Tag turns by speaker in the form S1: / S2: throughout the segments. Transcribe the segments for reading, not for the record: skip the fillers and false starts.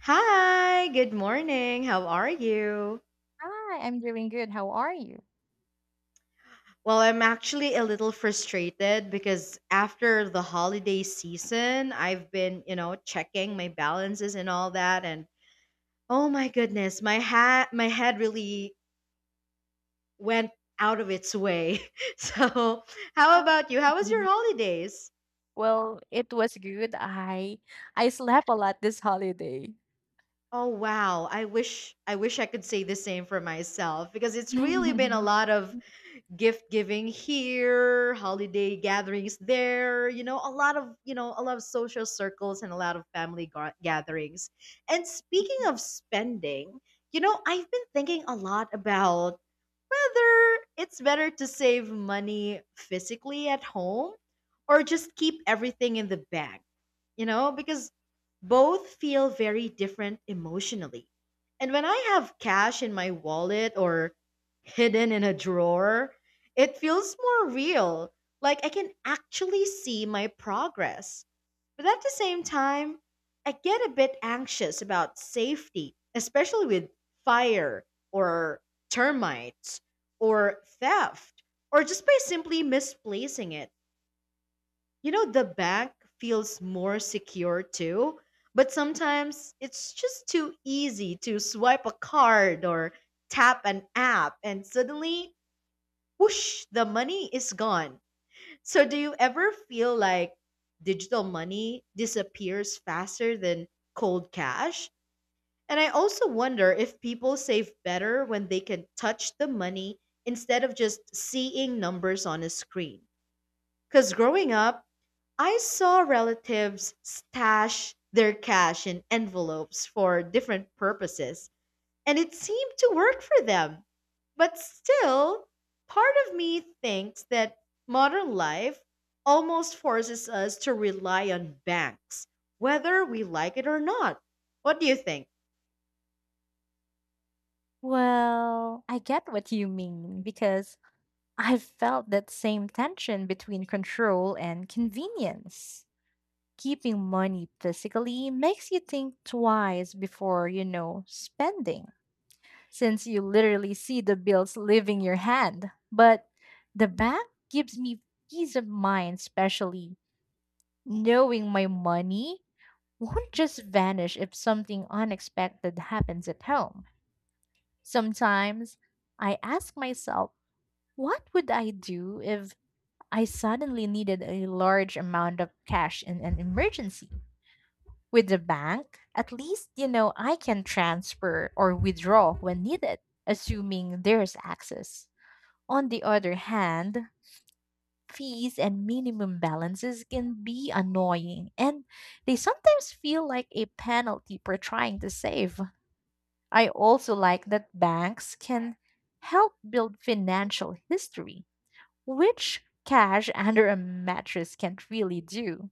S1: Hi, good morning. How are you?
S2: Hi, I'm doing good. How are you?
S1: Well, I'm actually a little frustrated because after the holiday season, I've been checking my balances and all that and oh my goodness, my head really went out of its way. So, how
S2: Uh,
S1: about you? How was your
S2: mhm.
S1: holidays?
S2: Well, it was good. I slept a lot this holiday.
S1: Oh wow, I wish I could say the same for myself because it's really been a lot of gift giving here, holiday gatherings there, a lot of social circles and a lot of family gatherings. And speaking of spending, I've been thinking a lot about whether it's better to save money physically at home or just keep everything in the bag, because both feel very different emotionally. And when I have cash in my wallet or hidden in a drawer, it feels more real. Like I can actually see my progress. But at the same time, I get a bit anxious about safety, especially with fire or termites or theft or just by simply misplacing it. The bank feels more secure too, but sometimes it's just too easy to swipe a card or tap an app and suddenly, whoosh, the money is gone. So, do you ever feel like digital money disappears faster than cold cash? And I also wonder if people save better when they can touch the money instead of just seeing numbers on a screen. Because growing up, I saw relatives stash their cash in envelopes for different purposes, and it seemed to work for them. But still, part of me thinks that modern life almost forces us to rely on banks, whether we like it or not. What do you think?
S2: Well, I get what you mean because I felt that same tension between control and convenience. Keeping money physically makes you think twice before spending, since you literally see the bills leaving your hand. But the bank gives me peace of mind, especially knowing my money won't just vanish if something unexpected happens at home. Sometimes I ask myself, what would I do if I suddenly needed a large amount of cash in an emergency? With the bank, at least, I can transfer or withdraw when needed, assuming there's access. On the other hand, fees and minimum balances can be annoying, and they sometimes feel like a penalty for trying to save. I also like that banks can help build financial history, which cash under a mattress can't really do.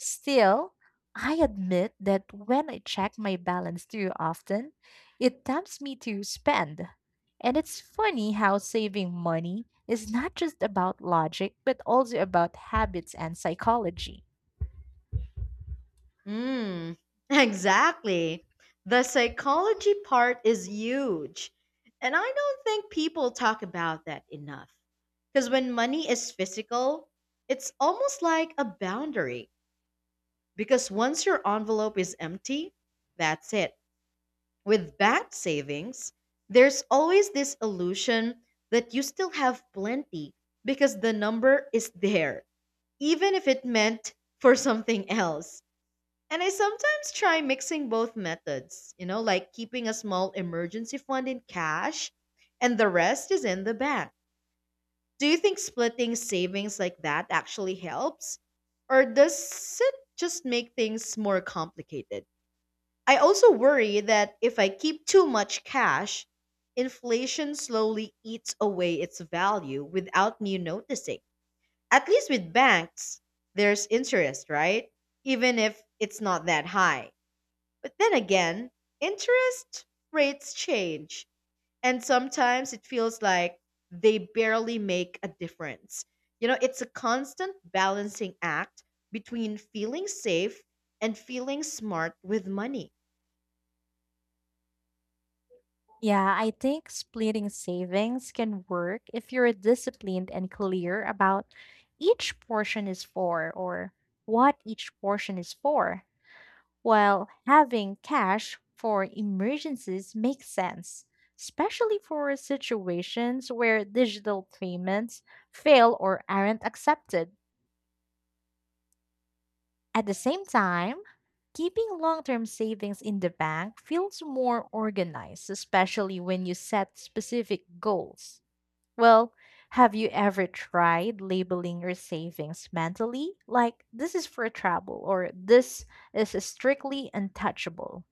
S2: Still, I admit that when I check my balance too often, it tempts me to spend. And it's funny how saving money is not just about logic, but also about habits and psychology.
S1: Mm, exactly. The psychology part is huge. And I don't think people talk about that enough. Because when money is physical, it's almost like a boundary. Because once your envelope is empty, that's it. With bank savings, there's always this illusion that you still have plenty because the number is there, even if it meant for something else. And I sometimes try mixing both methods, like keeping a small emergency fund in cash and the rest is in the bank. Do you think splitting savings like that actually helps? Or does it just make things more complicated? I also worry that if I keep too much cash, inflation slowly eats away its value without me noticing. At least with banks, there's interest, right? Even if it's not that high. But then again, interest rates change, and sometimes it feels like they barely make a difference. It's a constant balancing act between feeling safe and feeling smart with money.
S2: Yeah, I think splitting savings can work if you're disciplined and clear about each portion is for or what each portion is for, while having cash for emergencies makes sense, especially for situations where digital payments fail or aren't accepted. At the same time, keeping long term savings in the bank feels more organized, especially when you set specific goals. Well, have you ever tried labeling your savings mentally? Like, this is for travel, or this is strictly untouchable.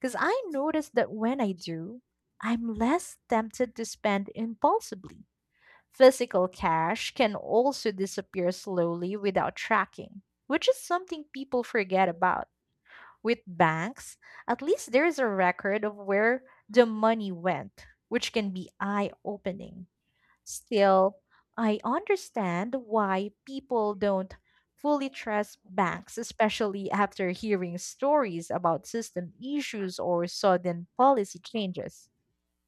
S2: Because I notice that when I do, I'm less tempted to spend impulsively. Physical cash can also disappear slowly without tracking, which is something people forget about. With banks, at least there is a record of where the money went, which can be eye opening. Still, I understand why people don't fully trust banks, especially after hearing stories about system issues or sudden policy changes.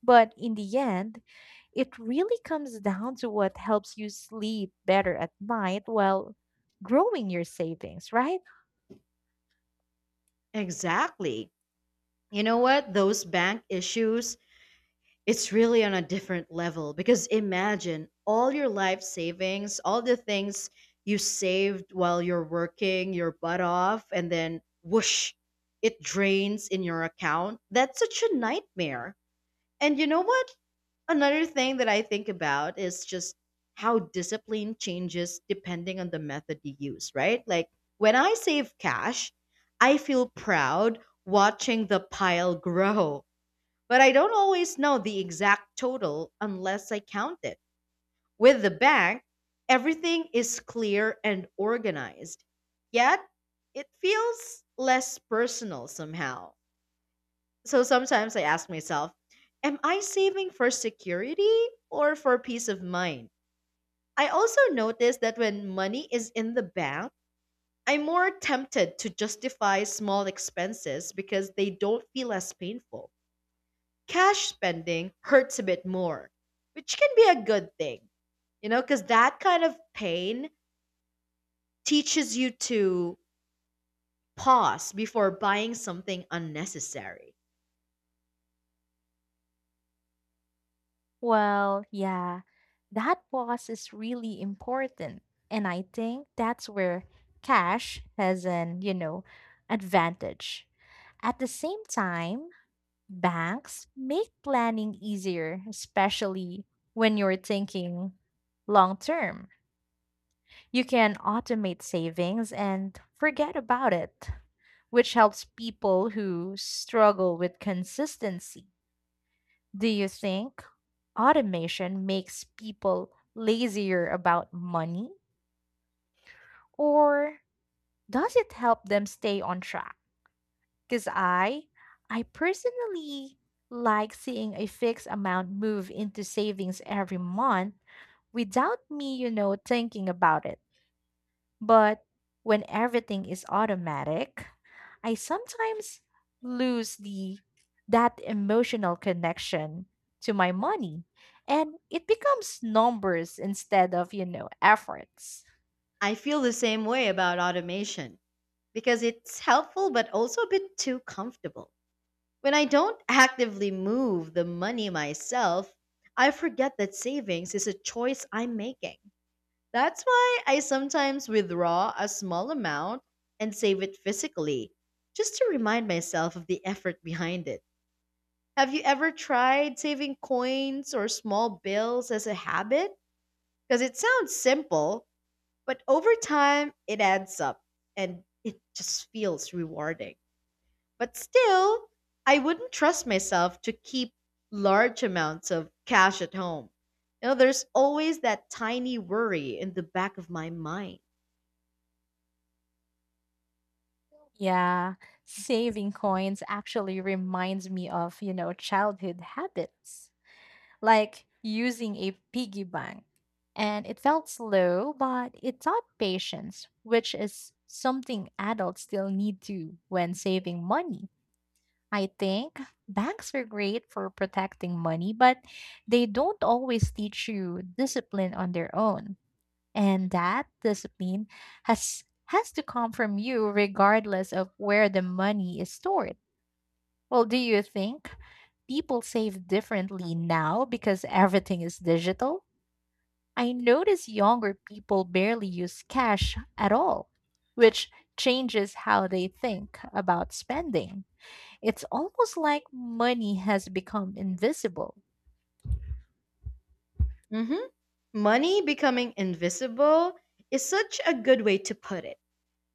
S2: But in the end, it really comes down to what helps you sleep better at night while growing your savings, right?
S1: Exactly. You know what? Those bank issues, it's really on a different level because imagine all your life savings, all the things you saved while you're working your butt off, and then whoosh, it drains in your account. That's such a nightmare. And you know what? Another thing that I think about is just how discipline changes depending on the method you use, right? Like when I save cash, I feel proud watching the pile grow. But I don't always know the exact total unless I count it. With the bank, everything is clear and organized. Yet, it feels less personal somehow. So sometimes I ask myself, am I saving for security or for peace of mind? I also notice that when money is in the bank, I'm more tempted to justify small expenses because they don't feel as painful. Cash spending hurts a bit more, which can be a good thing, because that kind of pain teaches you to pause before buying something unnecessary.
S2: Well, yeah, that pause is really important. And I think that's where cash has an advantage. At the same time, banks make planning easier, especially when you're thinking long term. You can automate savings and forget about it, which helps people who struggle with consistency. Do you think automation makes people lazier about money, or does it help them stay on track? Cuz I personally like seeing a fixed amount move into savings every month without me thinking about it. But when everything is automatic, I sometimes lose the that emotional connection to my money, and it becomes numbers instead of efforts.
S1: I feel the same way about automation because it's helpful but also a bit too comfortable. When I don't actively move the money myself, I forget that savings is a choice I'm making. That's why I sometimes withdraw a small amount and save it physically, just to remind myself of the effort behind it. Have you ever tried saving coins or small bills as a habit? Because it sounds simple, but over time it adds up and it just feels rewarding. But still, I wouldn't trust myself to keep large amounts of cash at home. There's always that tiny worry in the back of my mind.
S2: Yeah, saving coins actually reminds me of childhood habits, like using a piggy bank. And it felt slow, but it taught patience, which is something adults still need to when saving money. I think banks are great for protecting money, but they don't always teach you discipline on their own. And that discipline has has to come from you regardless of where the money is stored. Well, do you think people save differently now because everything is digital? I notice younger people barely use cash at all, which changes how they think about spending. It's almost like money has become invisible.
S1: hmm Money becoming invisible is such a good way to put it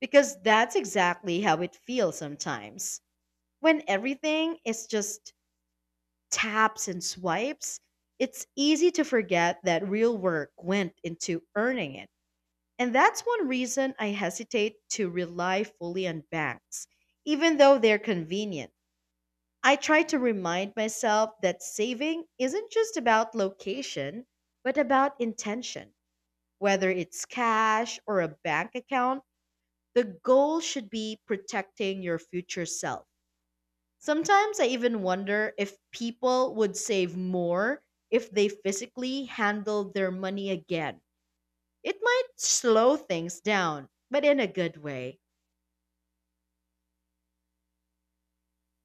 S1: because that's exactly how it feels sometimes. When everything is just taps and swipes, it's easy to forget that real work went into earning it. And that's one reason I hesitate to rely fully on banks, even though they're convenient. I try to remind myself that saving isn't just about location, but about intention. Whether it's cash or a bank account, the goal should be protecting your future self. Sometimes I even wonder if people would save more if they physically handled their money again. It might slow things down, but in a good way.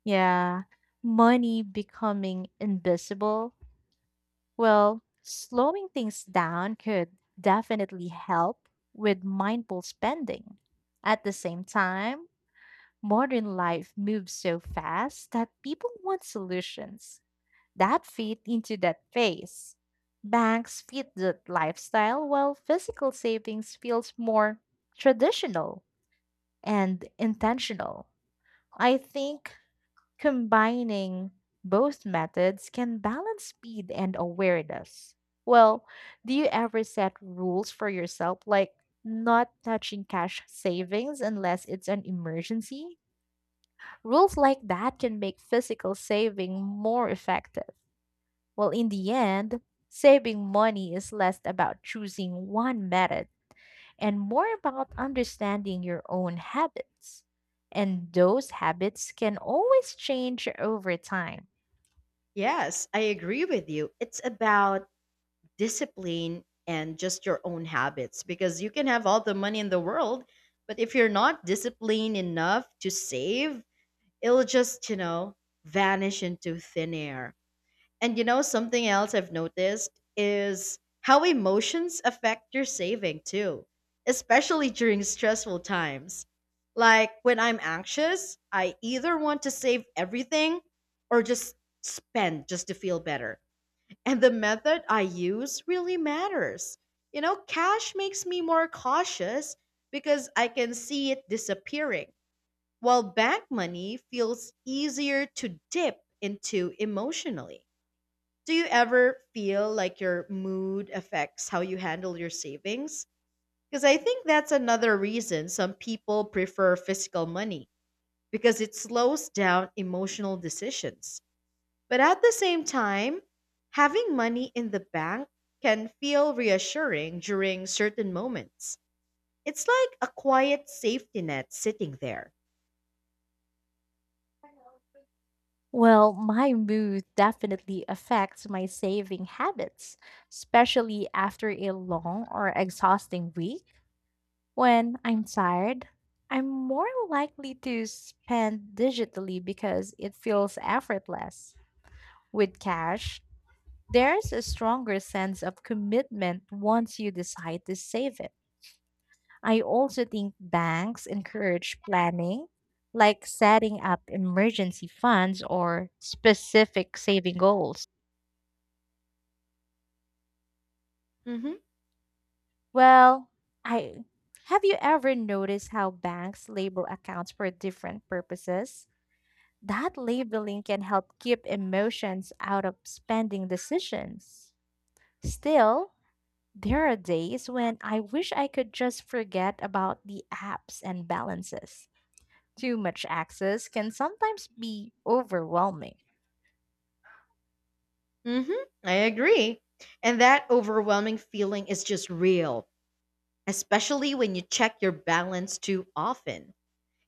S2: Yeah, money becoming invisible. Well, slowing things down could definitely help with mindful spending. At the same time, modern life moves so fast that people want solutions that fit into that phase. Banks fit the lifestyle while physical savings feels more traditional and intentional. I think combining both methods can balance speed and awareness. Well, do you ever set rules for yourself, like not touching cash savings unless it's an emergency? Rules like that can make physical saving more effective. Well, in the end, saving money is less about choosing one method and more about understanding your own habits. And those habits can always change over time.
S1: Yes, I agree with you. It's about discipline and just your own habits because you can have all the money in the world, but if you're not disciplined enough to save it'll just vanish into thin air. And something else I've noticed is how emotions affect your saving too, especially during stressful times. Like when I'm anxious, I either want to save everything or just spend just to feel better. And the method I use really matters. Cash makes me more cautious because I can see it disappearing while bank money feels easier to dip into emotionally. Do you ever feel like your mood affects how you handle your savings? Because I think that's another reason some people prefer physical money because it slows down emotional decisions. But at the same time, having money in the bank can feel reassuring during certain moments. It's like a quiet safety net sitting there.
S2: Well, my mood definitely affects my saving habits, especially after a long or exhausting week. When I'm tired, I'm more likely to spend digitally because it feels effortless. With cash, there's a stronger sense of commitment once you decide to save it. I also think banks encourage planning, like setting up emergency funds or specific saving goals.
S1: Mhm.
S2: Well, I have you ever noticed how banks label accounts for different purposes? That labeling can help keep emotions out of spending decisions. Still, there are days when I wish I could just forget about the apps and balances. Too much access can sometimes be overwhelming.
S1: hmm I agree. And that overwhelming feeling is just real, especially when you check your balance too often.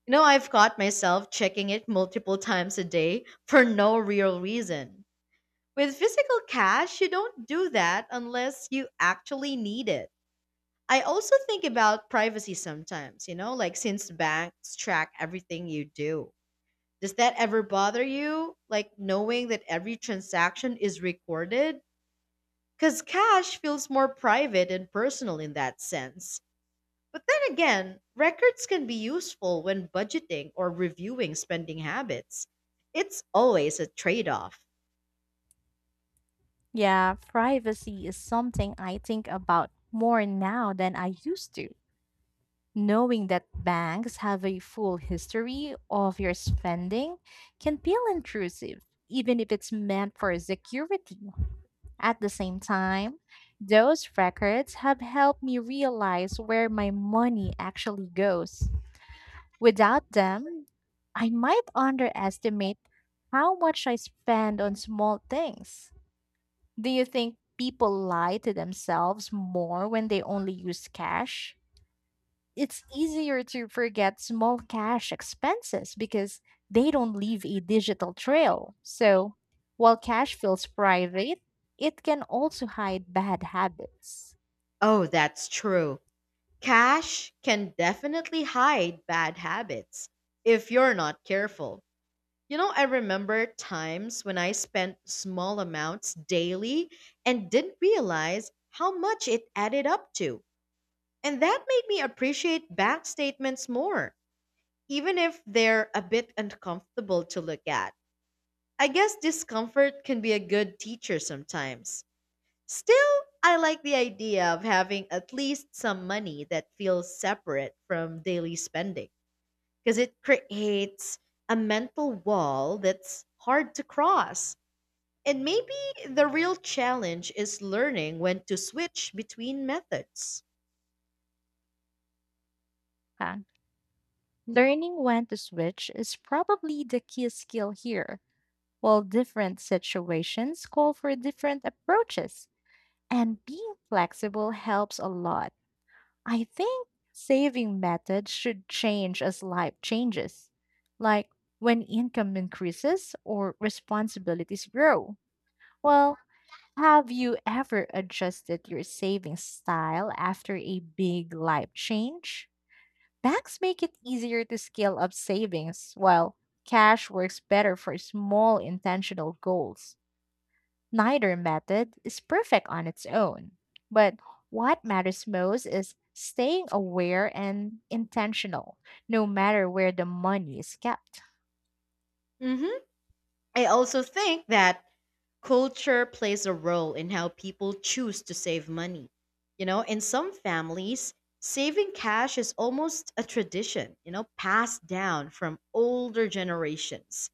S1: I've caught myself checking it multiple times a day for no real reason. With physical cash, you don't do that unless you actually need it. I also think about privacy sometimes, like since banks track everything you do. Does that ever bother you? Like knowing that every transaction is recorded? Because cash feels more private and personal in that sense. But then again, records can be useful when budgeting or reviewing spending habits. It's always a trade off.
S2: Yeah, privacy is something I think about more now than I used to. Knowing that banks have a full history of your spending can feel intrusive, even if it's meant for security. At the same time, those records have helped me realize where my money actually goes. Without them, I might underestimate how much I spend on small things. Do you think people lie to themselves more when they only use cash? It's easier to forget small cash expenses because they don't leave a digital trail. So, while cash feels private, it can also hide bad habits.
S1: Oh, that's true. Cash can definitely hide bad habits if you're not careful. I remember times when I spent small amounts daily and didn't realize how much it added up to. And that made me appreciate bank statements more. Even if they're a bit uncomfortable to look at. I guess discomfort can be a good teacher sometimes. Still, I like the idea of having at least some money that feels separate from daily spending because it creates a mental wall that's hard to cross. And maybe the real challenge is learning when to switch between methods.
S2: Huh? Learning when to switch is probably the key skill here. While different situations call for different approaches, and being flexible helps a lot. I think saving methods should change as life changes, like when income increases or responsibilities grow. Well, have you ever adjusted your saving style after a big life change? Banks make it easier to scale up savings, while cash works better for small intentional goals. Neither method is perfect on its own, but what matters most is staying aware and intentional, no matter where the money is kept.
S1: hmm I also think that culture plays a role in how people choose to save money. In some families, saving cash is almost a tradition, passed down from older generations.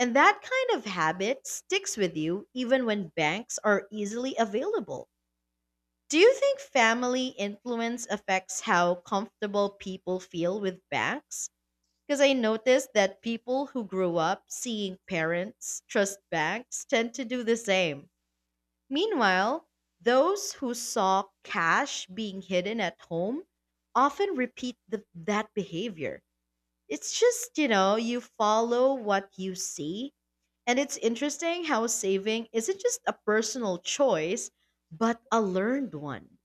S1: And that kind of habit sticks with you even when banks are easily available. Do you think family influence affects how comfortable people feel with banks? Because I noticed that people who grew up seeing parents trust banks tend to do the same. Meanwhile, those who saw cash being hidden at home often repeat that behavior. It's just you follow what you see. And it's interesting how saving isn't just a personal choice, but a learned one.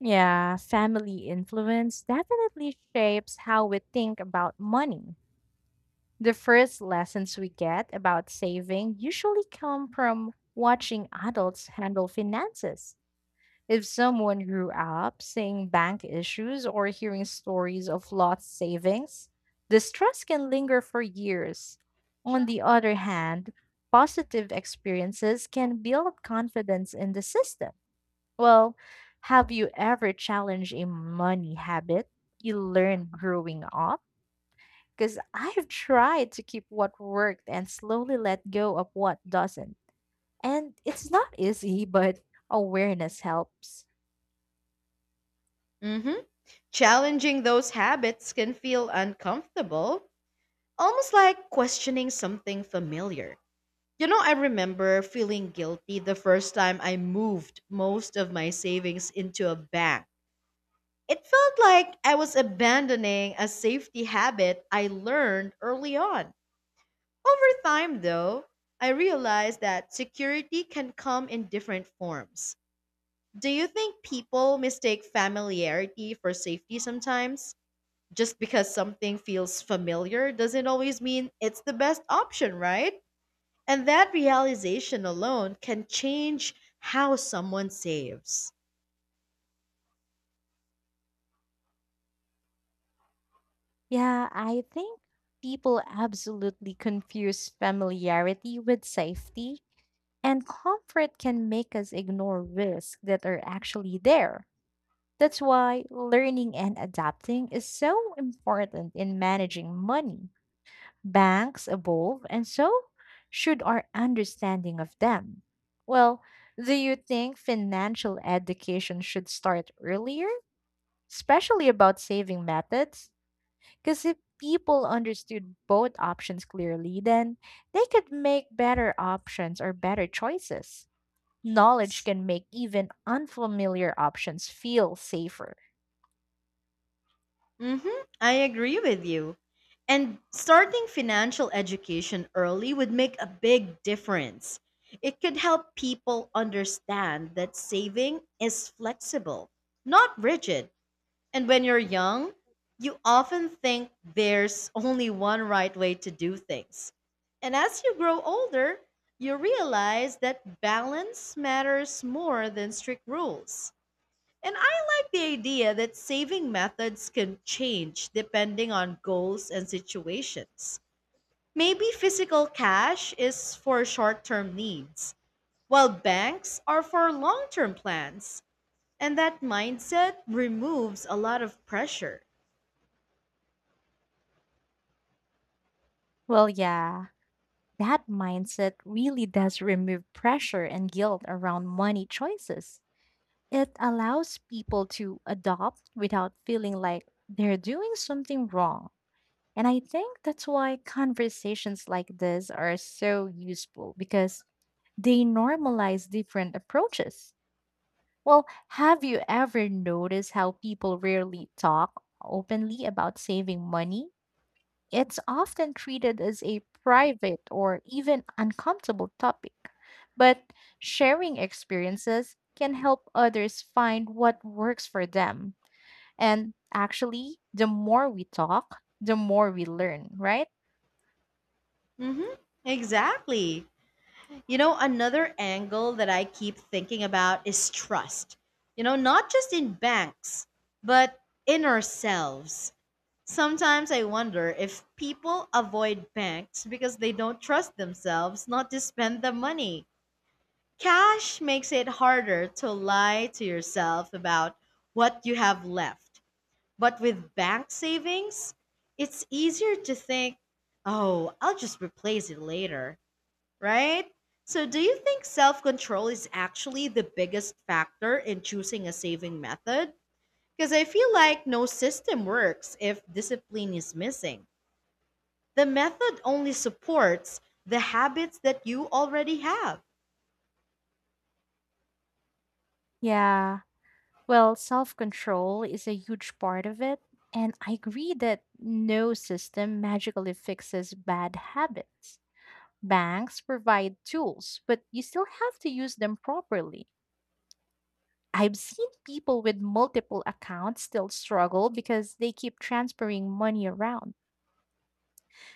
S2: Yeah, family influence definitely shapes how we think about money. The first lessons we get about saving usually come from watching adults handle finances. If someone grew up seeing bank issues or hearing stories of lost savings, distrust can linger for years. On the other hand, positive experiences can build confidence in the system. Well, have you ever challenged a money habit you learned growing up? Because I've tried to keep what worked and slowly let go of what doesn't. And it's not easy, but awareness helps.
S1: hmm Challenging those habits can feel uncomfortable, almost like questioning something familiar. I remember feeling guilty the first time I moved most of my savings into a bank. It felt like I was abandoning a safety habit I learned early on. Over time, though, I realized that security can come in different forms. Do you think people mistake familiarity for safety sometimes? Just because something feels familiar doesn't always mean it's the best option, right? And that realization alone can change how someone saves.
S2: Yeah, I think people absolutely confuse familiarity with safety, and comfort can make us ignore risks that are actually there. That's why learning and adapting is so important in managing money. Banks evolve, and so should our understanding of them. Well, do you think financial education should start earlier, especially about saving methods? Because if people understood both options clearly, then they could make better options or better choices. Knowledge can make even unfamiliar options feel safer.
S1: hmm I agree with you. And starting financial education early would make a big difference. It could help people understand that saving is flexible, not rigid. And when you're young, you often think there's only one right way to do things. And as you grow older, you realize that balance matters more than strict rules. And I like the idea that saving methods can change depending on goals and situations. Maybe physical cash is for short term needs, while banks are for long term plans. And that mindset removes a lot of pressure.
S2: Well, yeah, that mindset really does remove pressure and guilt around money choices. It allows people to adopt without feeling like they're doing something wrong. And I think that's why conversations like this are so useful, because they normalize different approaches. Well, have you ever noticed how people rarely talk openly about saving money? It's often treated as a private or even uncomfortable topic. But sharing experiences can help others find what works for them. And actually, the more we talk, the more we learn, right?
S1: Mm-hmm. Exactly. Another angle that I keep thinking about is trust. You know, not just in banks, but in ourselves. Sometimes I wonder if people avoid banks because they don't trust themselves not to spend the money. Cash makes it harder to lie to yourself about what you have left. But with bank savings, it's easier to think, oh, I'll just replace it later, right? So, do you think self control is actually the biggest factor in choosing a saving method? Because I feel like no system works if discipline is missing. The method only supports the habits that you already have.
S2: Yeah. Well, self control is a huge part of it. And I agree that no system magically fixes bad habits. Banks provide tools, but you still have to use them properly. I've seen people with multiple accounts still struggle because they keep transferring money around.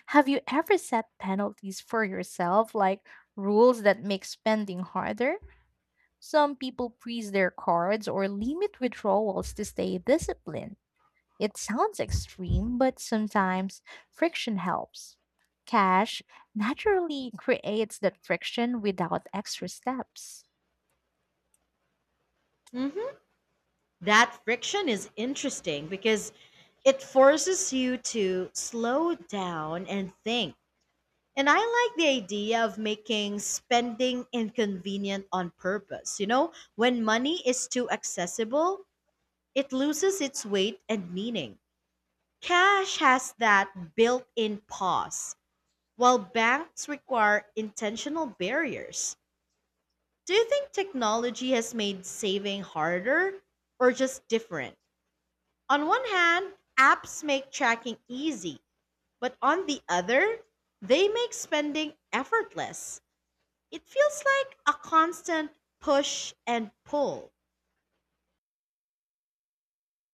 S2: Have you ever set penalties for yourself, like rules that make spending harder? Some people freeze their cards or limit withdrawals to stay disciplined. It sounds extreme, but sometimes friction helps. Cash naturally creates that friction without extra steps.
S1: Hmm. That friction is interesting because it forces you to slow down and think. And I like the idea of making spending inconvenient on purpose. You know, when money is too accessible, it loses its weight and meaning. Cash has that built in pause, while banks require intentional barriers. Do you think technology has made saving harder or just different? On one hand, apps make tracking easy, but on the other, they make spending effortless. It feels like a constant push and pull.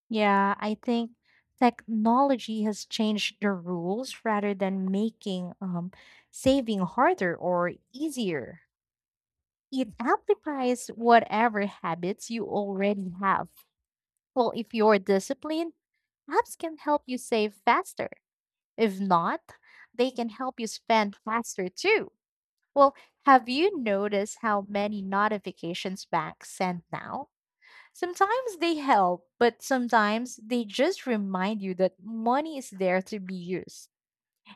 S2: Yeah, I think technology has changed the rules rather than making saving harder or easier. It amplifies whatever habits you already have. Well, if you're disciplined, apps can help you save faster. If not, they can help you spend faster too. Well, have you noticed how many notifications banks send now? Sometimes they help, but sometimes they just remind you that money is there to be used.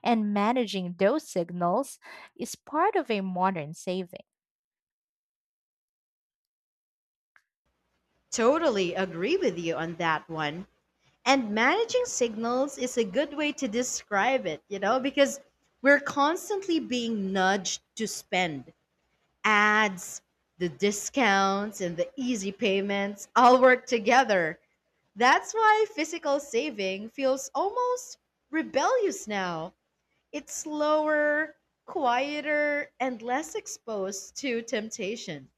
S2: And managing those signals is part of a modern saving.
S1: Totally agree with you on that one. And managing signals is a good way to describe it, you know, because we're constantly being nudged to spend. Ads, the discounts, and the easy payments all work together. That's why physical saving feels almost rebellious now. It's slower, quieter, and less exposed to temptation.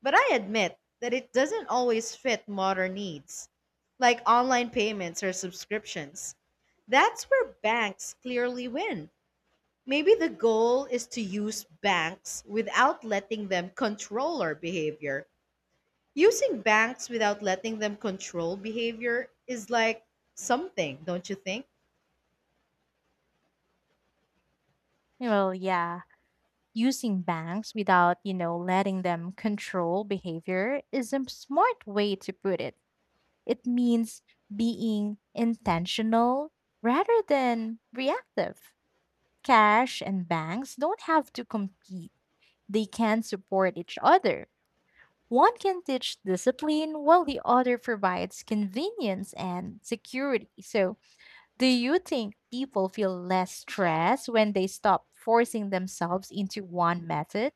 S1: But I admit that it doesn't always fit modern needs, like online payments or subscriptions. That's where banks clearly win. Maybe the goal is to use banks without letting them control our behavior. Using banks without letting them control behavior is like something, don't you think?
S2: Well, yeah, using banks without letting them control behavior is a smart way to put it. It means being intentional rather than reactive. Cash and banks don't have to compete, they can support each other. One can teach discipline while the other provides convenience and security. So, do you think people feel less stressed when they stop forcing themselves into one method?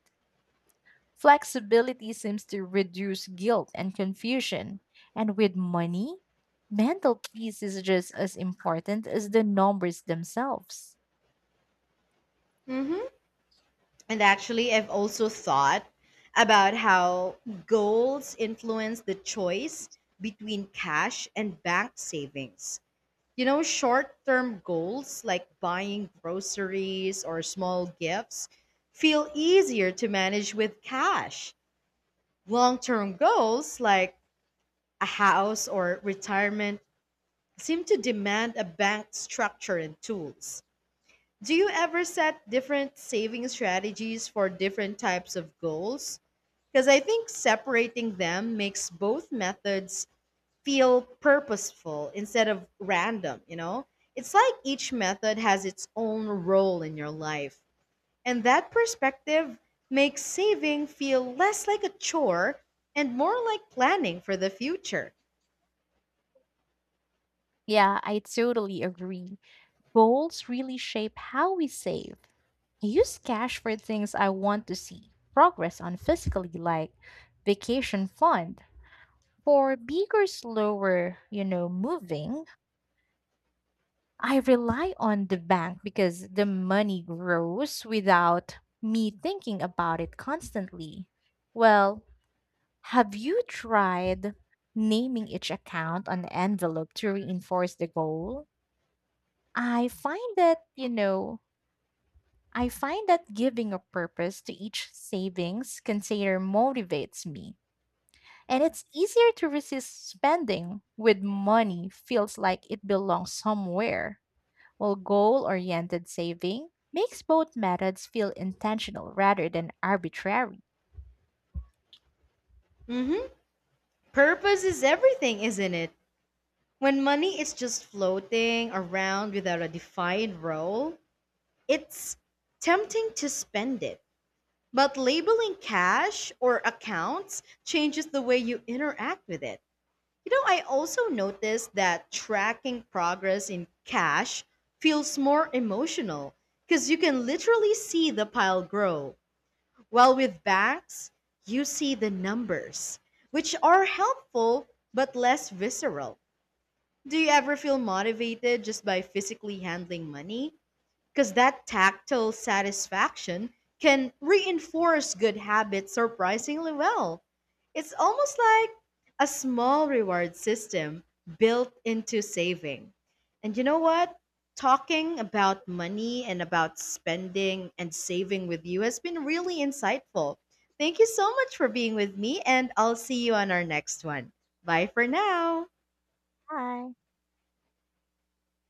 S2: Flexibility seems to reduce guilt and confusion. And with money, mental peace is just as important as the numbers themselves.
S1: Mm-hmm. And actually, I've also thought about how goals influence the choice between cash and bank savings. You know, short term goals like buying groceries or small gifts feel easier to manage with cash. Long term goals like a house or retirement seem to demand a bank structure and tools. Do you ever set different saving strategies for different types of goals? Because I think separating them makes both methods feel purposeful instead of random, you know? It's like each method has its own role in your life. And that perspective makes saving feel less like a chore and more like planning for the future.
S2: Yeah, I totally agree. Goals really shape how we save. I use cash for things I want to see progress on physically, like vacation fund. For bigger, slower moving, I rely on the bank because the money grows without me thinking about it constantly. Well, have you tried naming each account on the envelope to reinforce the goal? I find that, you know, I find that giving a purpose to each savings container motivates me. And it's easier to resist spending when money feels like it belongs somewhere. While goal oriented saving makes both methods feel intentional rather than arbitrary.
S1: Hmm. Purpose is everything, isn't it? When money is just floating around without a defined role, it's tempting to spend it. But labeling cash or accounts changes the way you interact with it. You know, I also noticed that tracking progress in cash feels more emotional because you can literally see the pile grow. While with banks, you see the numbers, which are helpful but less visceral. Do you ever feel motivated just by physically handling money? Because that tactile satisfaction can reinforce good habits surprisingly well. It's almost like a small reward system built into saving. And you know what? Talking about money and about spending and saving with you has been really insightful. Thank you so much for being with me, and I'll see you on our next one. Bye for now.
S2: Hi.